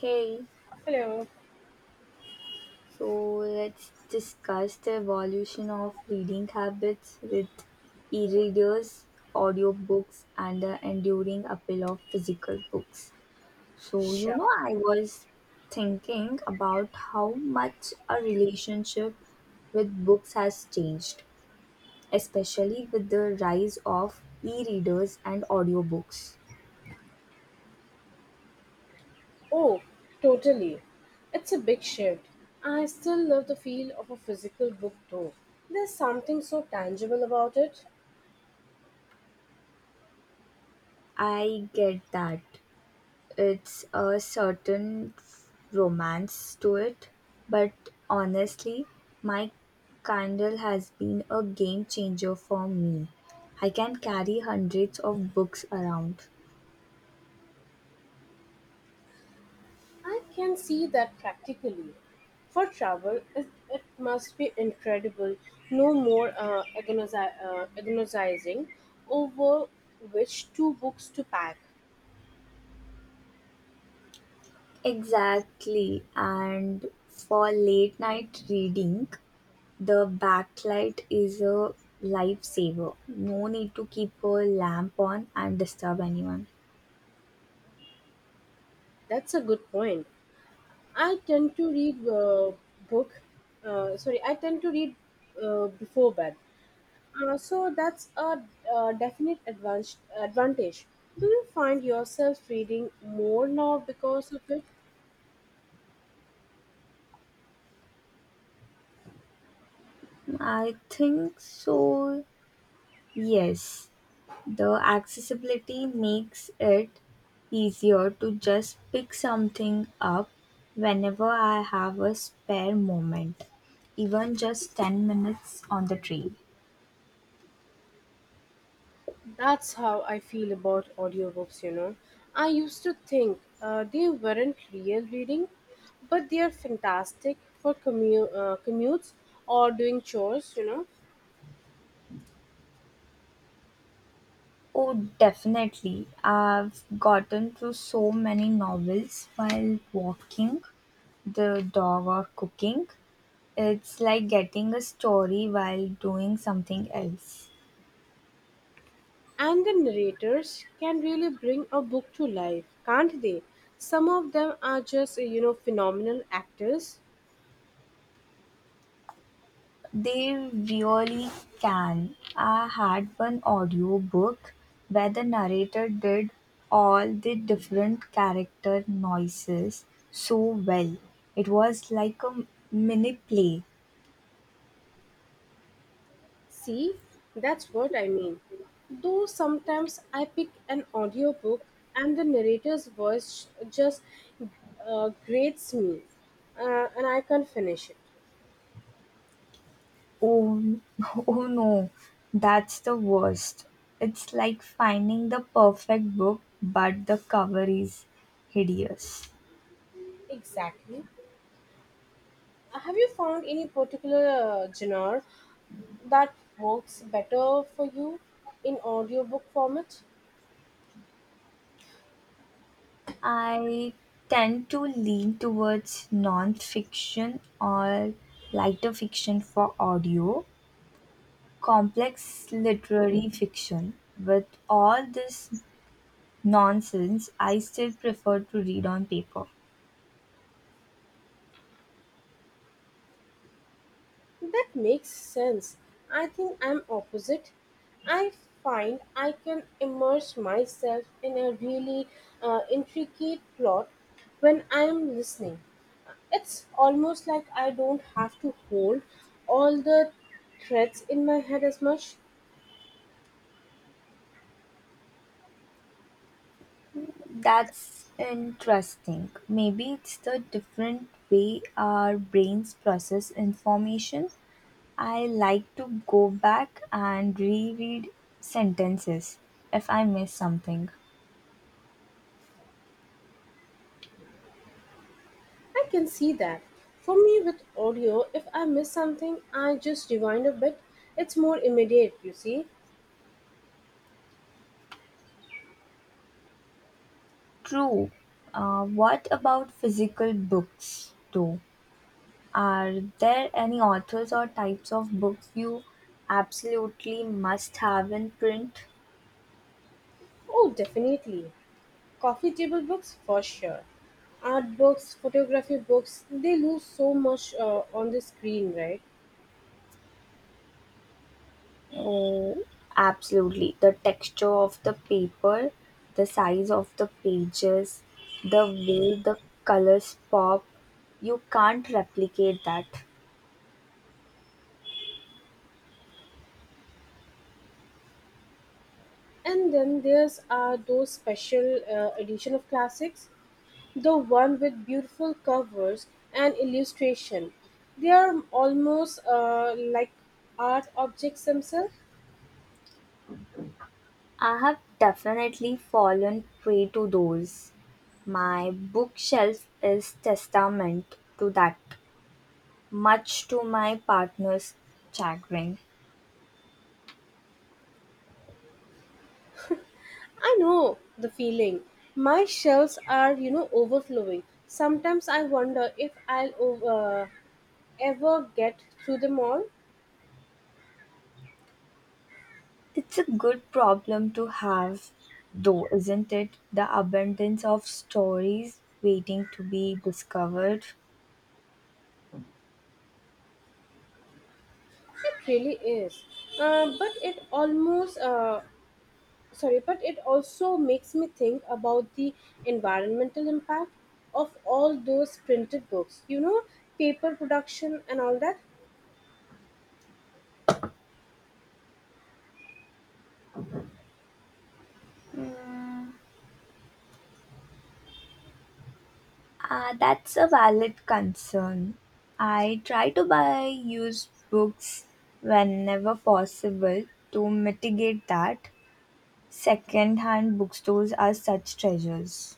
Hey, Hello. so let's discuss the evolution of reading habits with e readers, audiobooks, and the enduring appeal of physical books. Sure. I was thinking about how much our relationship with books has changed, especially with the rise of e readers and audiobooks. Oh, totally. It's a big shift. I still love the feel of a physical book though. There's something so tangible about it. I get that it's a certain romance to it, but honestly, my Kindle has been a game changer for me. I can carry hundreds of books around. I can see that practically. For travel, it must be incredible. No more agonizing over which two books to pack. Exactly, and for late night reading, the backlight is a lifesaver. No need to keep a lamp on and disturb anyone. That's a good point. I tend to read uh, book. I tend to read before bed. So that's a definite advantage. Do you find yourself reading more now because of it? I think so, yes. The accessibility makes it easier to just pick something up whenever I have a spare moment, even just 10 minutes on the trail. That's how I feel about audiobooks, you know. I used to think they weren't real reading, but they are fantastic for commutes or doing chores, you know. Oh, definitely. I've gotten through so many novels while walking the dog or cooking. It's like getting a story while doing something else. And the narrators can really bring a book to life, can't they? Some of them are just, you know, phenomenal actors. They really can. I had one audiobook where the narrator did all the different character noises so well. It was like a mini play. See, that's what I mean. Though sometimes I pick an audiobook and the narrator's voice just grates me and I can't finish it. Oh, oh no, that's the worst. It's like finding the perfect book, but the cover is hideous. Exactly. Have you found any particular genre that works better for you in audiobook format? I tend to lean towards non-fiction or lighter fiction for audio, complex literary fiction. With all this nonsense, I still prefer to read on paper. That makes sense. I think I'm opposite. I find I can immerse myself in a really intricate plot when I'm listening. It's almost like I don't have to hold all the threads in my head as much. That's interesting. Maybe it's the different way our brains process information. I like to go back and reread sentences if I miss something. I can see that. For me, with audio, if I miss something, I just rewind a bit. It's more immediate, you see. True. What about physical books, though? Are there any authors or types of books you absolutely must have in print? Oh, definitely. Coffee table books, for sure. Art books, photography books, they lose so much on the screen, right? Oh, absolutely. The texture of the paper, the size of the pages, the way the colors pop, you can't replicate that. And then there's those special edition of classics, the one with beautiful covers and illustration. They are almost like art objects themselves. I have definitely fallen prey to those. My bookshelf is testament to that, much to my partner's chagrin. I know the feeling. My shelves are, you know, overflowing. Sometimes I wonder if I'll uh, ever get through them all. It's a good problem to have, though, isn't it? The abundance of stories waiting to be discovered. It really is. Uh, but it almost, uh, but it also makes me think about the environmental impact of all those printed books, you know, paper production and all that. Mm, that's a valid concern. I try to buy used books whenever possible to mitigate that. Second-hand bookstores are such treasures.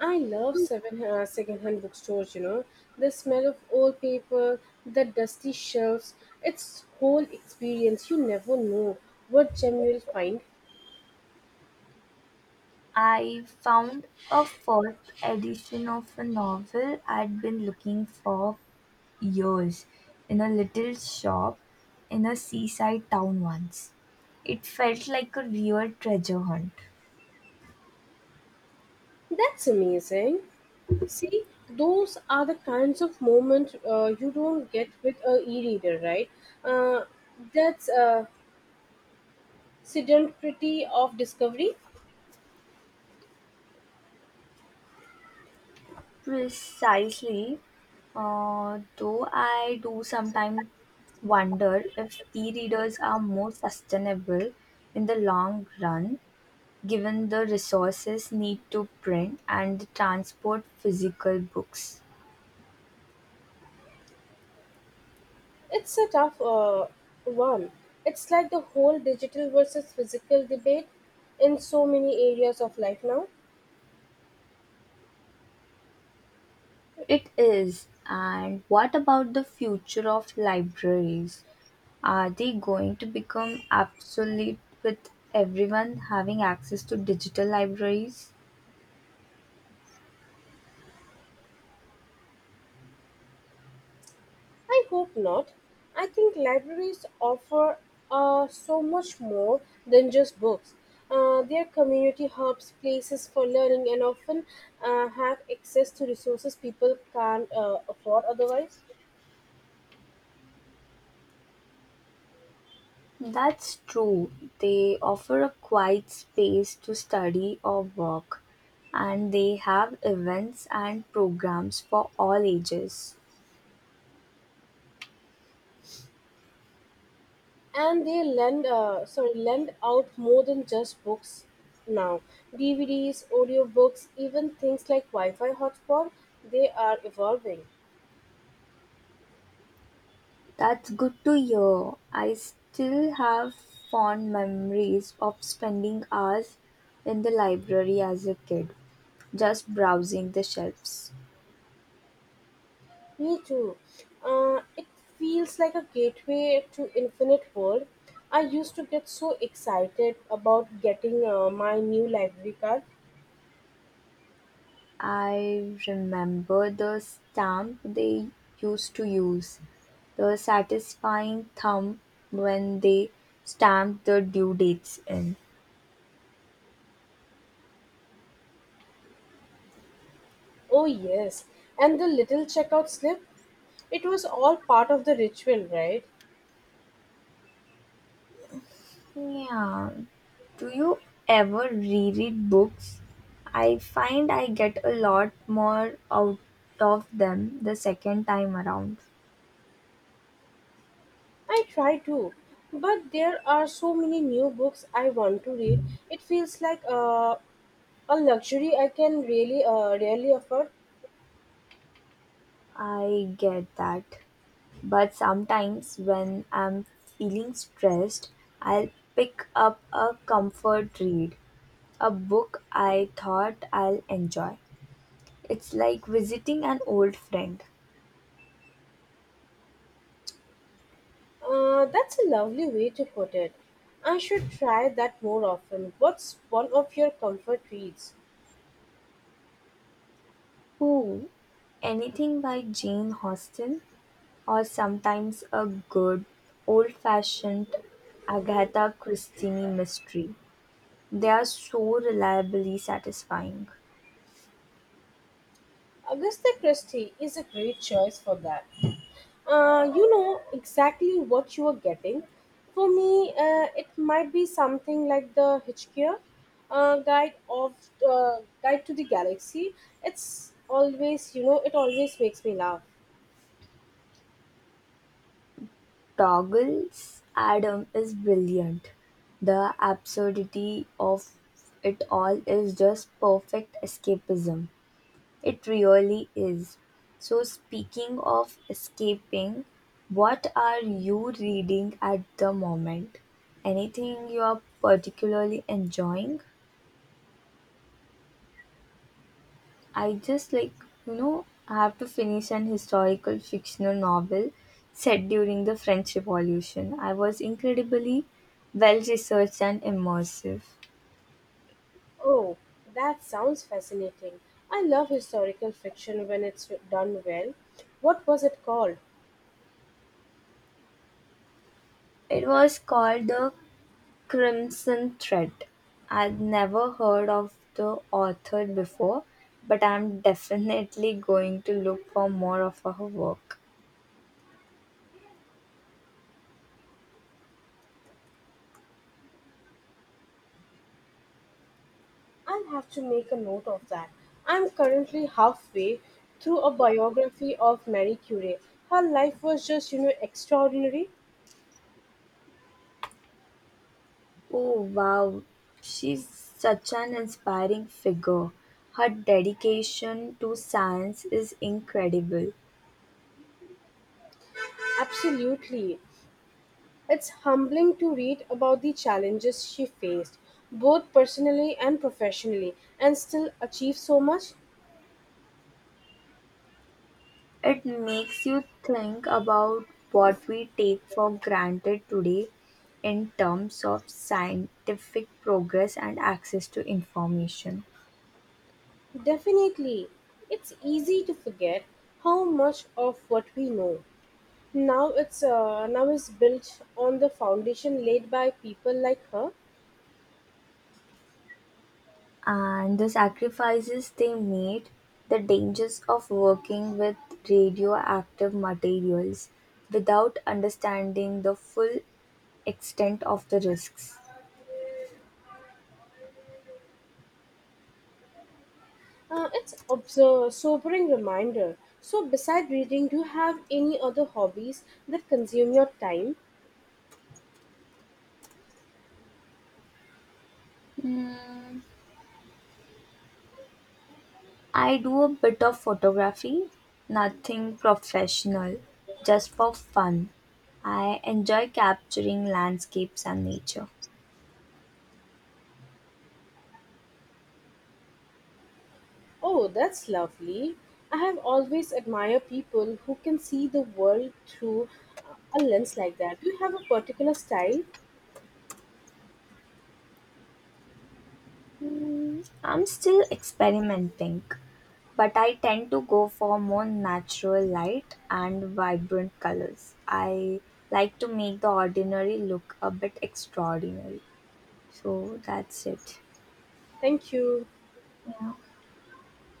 I love second-hand bookstores, you know, the smell of old paper, the dusty shelves, it's whole experience. You never know what gem you'll find. I found a fourth edition of a novel I'd been looking for years in a little shop in a seaside town once. It felt like a real treasure hunt. That's amazing. See, those are the kinds of moments you don't get with a e-reader, right? Uh, that's a sedentary of discovery. Precisely, though I do sometimes wonder if e readers are more sustainable in the long run. Given the resources need to print and transport physical books. It's a tough one. It's like the whole digital versus physical debate in so many areas of life now. It is. And what about the future of libraries? Are they going to become obsolete with everyone having access to digital libraries? I hope not. I think libraries offer so much more than just books. They are community hubs, places for learning, and often have access to resources people can't afford otherwise. That's true. They offer a quiet space to study or work, and they have events and programs for all ages. And they lend out more than just books now. DVDs, audiobooks, even things like Wi-Fi hotspot, they are evolving. That's good to hear. I still have fond memories of spending hours in the library as a kid, just browsing the shelves. Me too. It feels like a gateway to infinite world. I used to get so excited about getting my new library card. I remember the stamp they used to use, the satisfying thump when they stamped the due dates in. Oh yes, and the little checkout slip. It was all part of the ritual, right? Yeah. Do you ever reread books? I find I get a lot more out of them the second time around. I try to, but there are so many new books I want to read. It feels like a luxury I can really rarely afford. I get that. But sometimes when I'm feeling stressed, I'll pick up a comfort read, a book I thought I'll enjoy. It's like visiting an old friend. That's a lovely way to put it. I should try that more often. What's one of your comfort reads? Oh, anything by Jane Austen? Or sometimes a good old-fashioned Agatha Christie mystery. They are so reliably satisfying. Augusta Christie is a great choice for that. You know exactly what you are getting. For me, it might be something like the Hitchhiker Guide of Guide to the Galaxy. It's always, you know, it always makes me laugh. Toggle's Adam is brilliant. The absurdity of it all is just perfect escapism. It really is. So, speaking of escaping, what are you reading at the moment? Anything you are particularly enjoying? I just like, you know, I have to finish an historical fictional novel set during the French Revolution. I was incredibly well researched and immersive. Oh, that sounds fascinating. I love historical fiction when it's done well. What was it called? It was called The Crimson Thread. I'd never heard of the author before, but I'm definitely going to look for more of her work. I'll have to make a note of that. I'm currently halfway through a biography of Marie Curie. Her life was just, you know, extraordinary. Oh wow, she's such an inspiring figure. Her dedication to science is incredible. Absolutely. It's humbling to read about the challenges she faced, both personally and professionally, and still achieve so much. It makes you think about what we take for granted today in terms of scientific progress and access to information. Definitely. It's easy to forget how much of what we know now is built on the foundation laid by people like her. And the sacrifices they made, the dangers of working with radioactive materials without understanding the full extent of the risks. It's a sobering reminder. So, beside reading, do you have any other hobbies that consume your time? Mm, I do a bit of photography, nothing professional, just for fun. I enjoy capturing landscapes and nature. Oh, that's lovely. I have always admired people who can see the world through a lens like that. Do you have a particular style? Mm, I'm still experimenting, but I tend to go for more natural light and vibrant colors. I like to make the ordinary look a bit extraordinary. So that's it. Thank you. Yeah.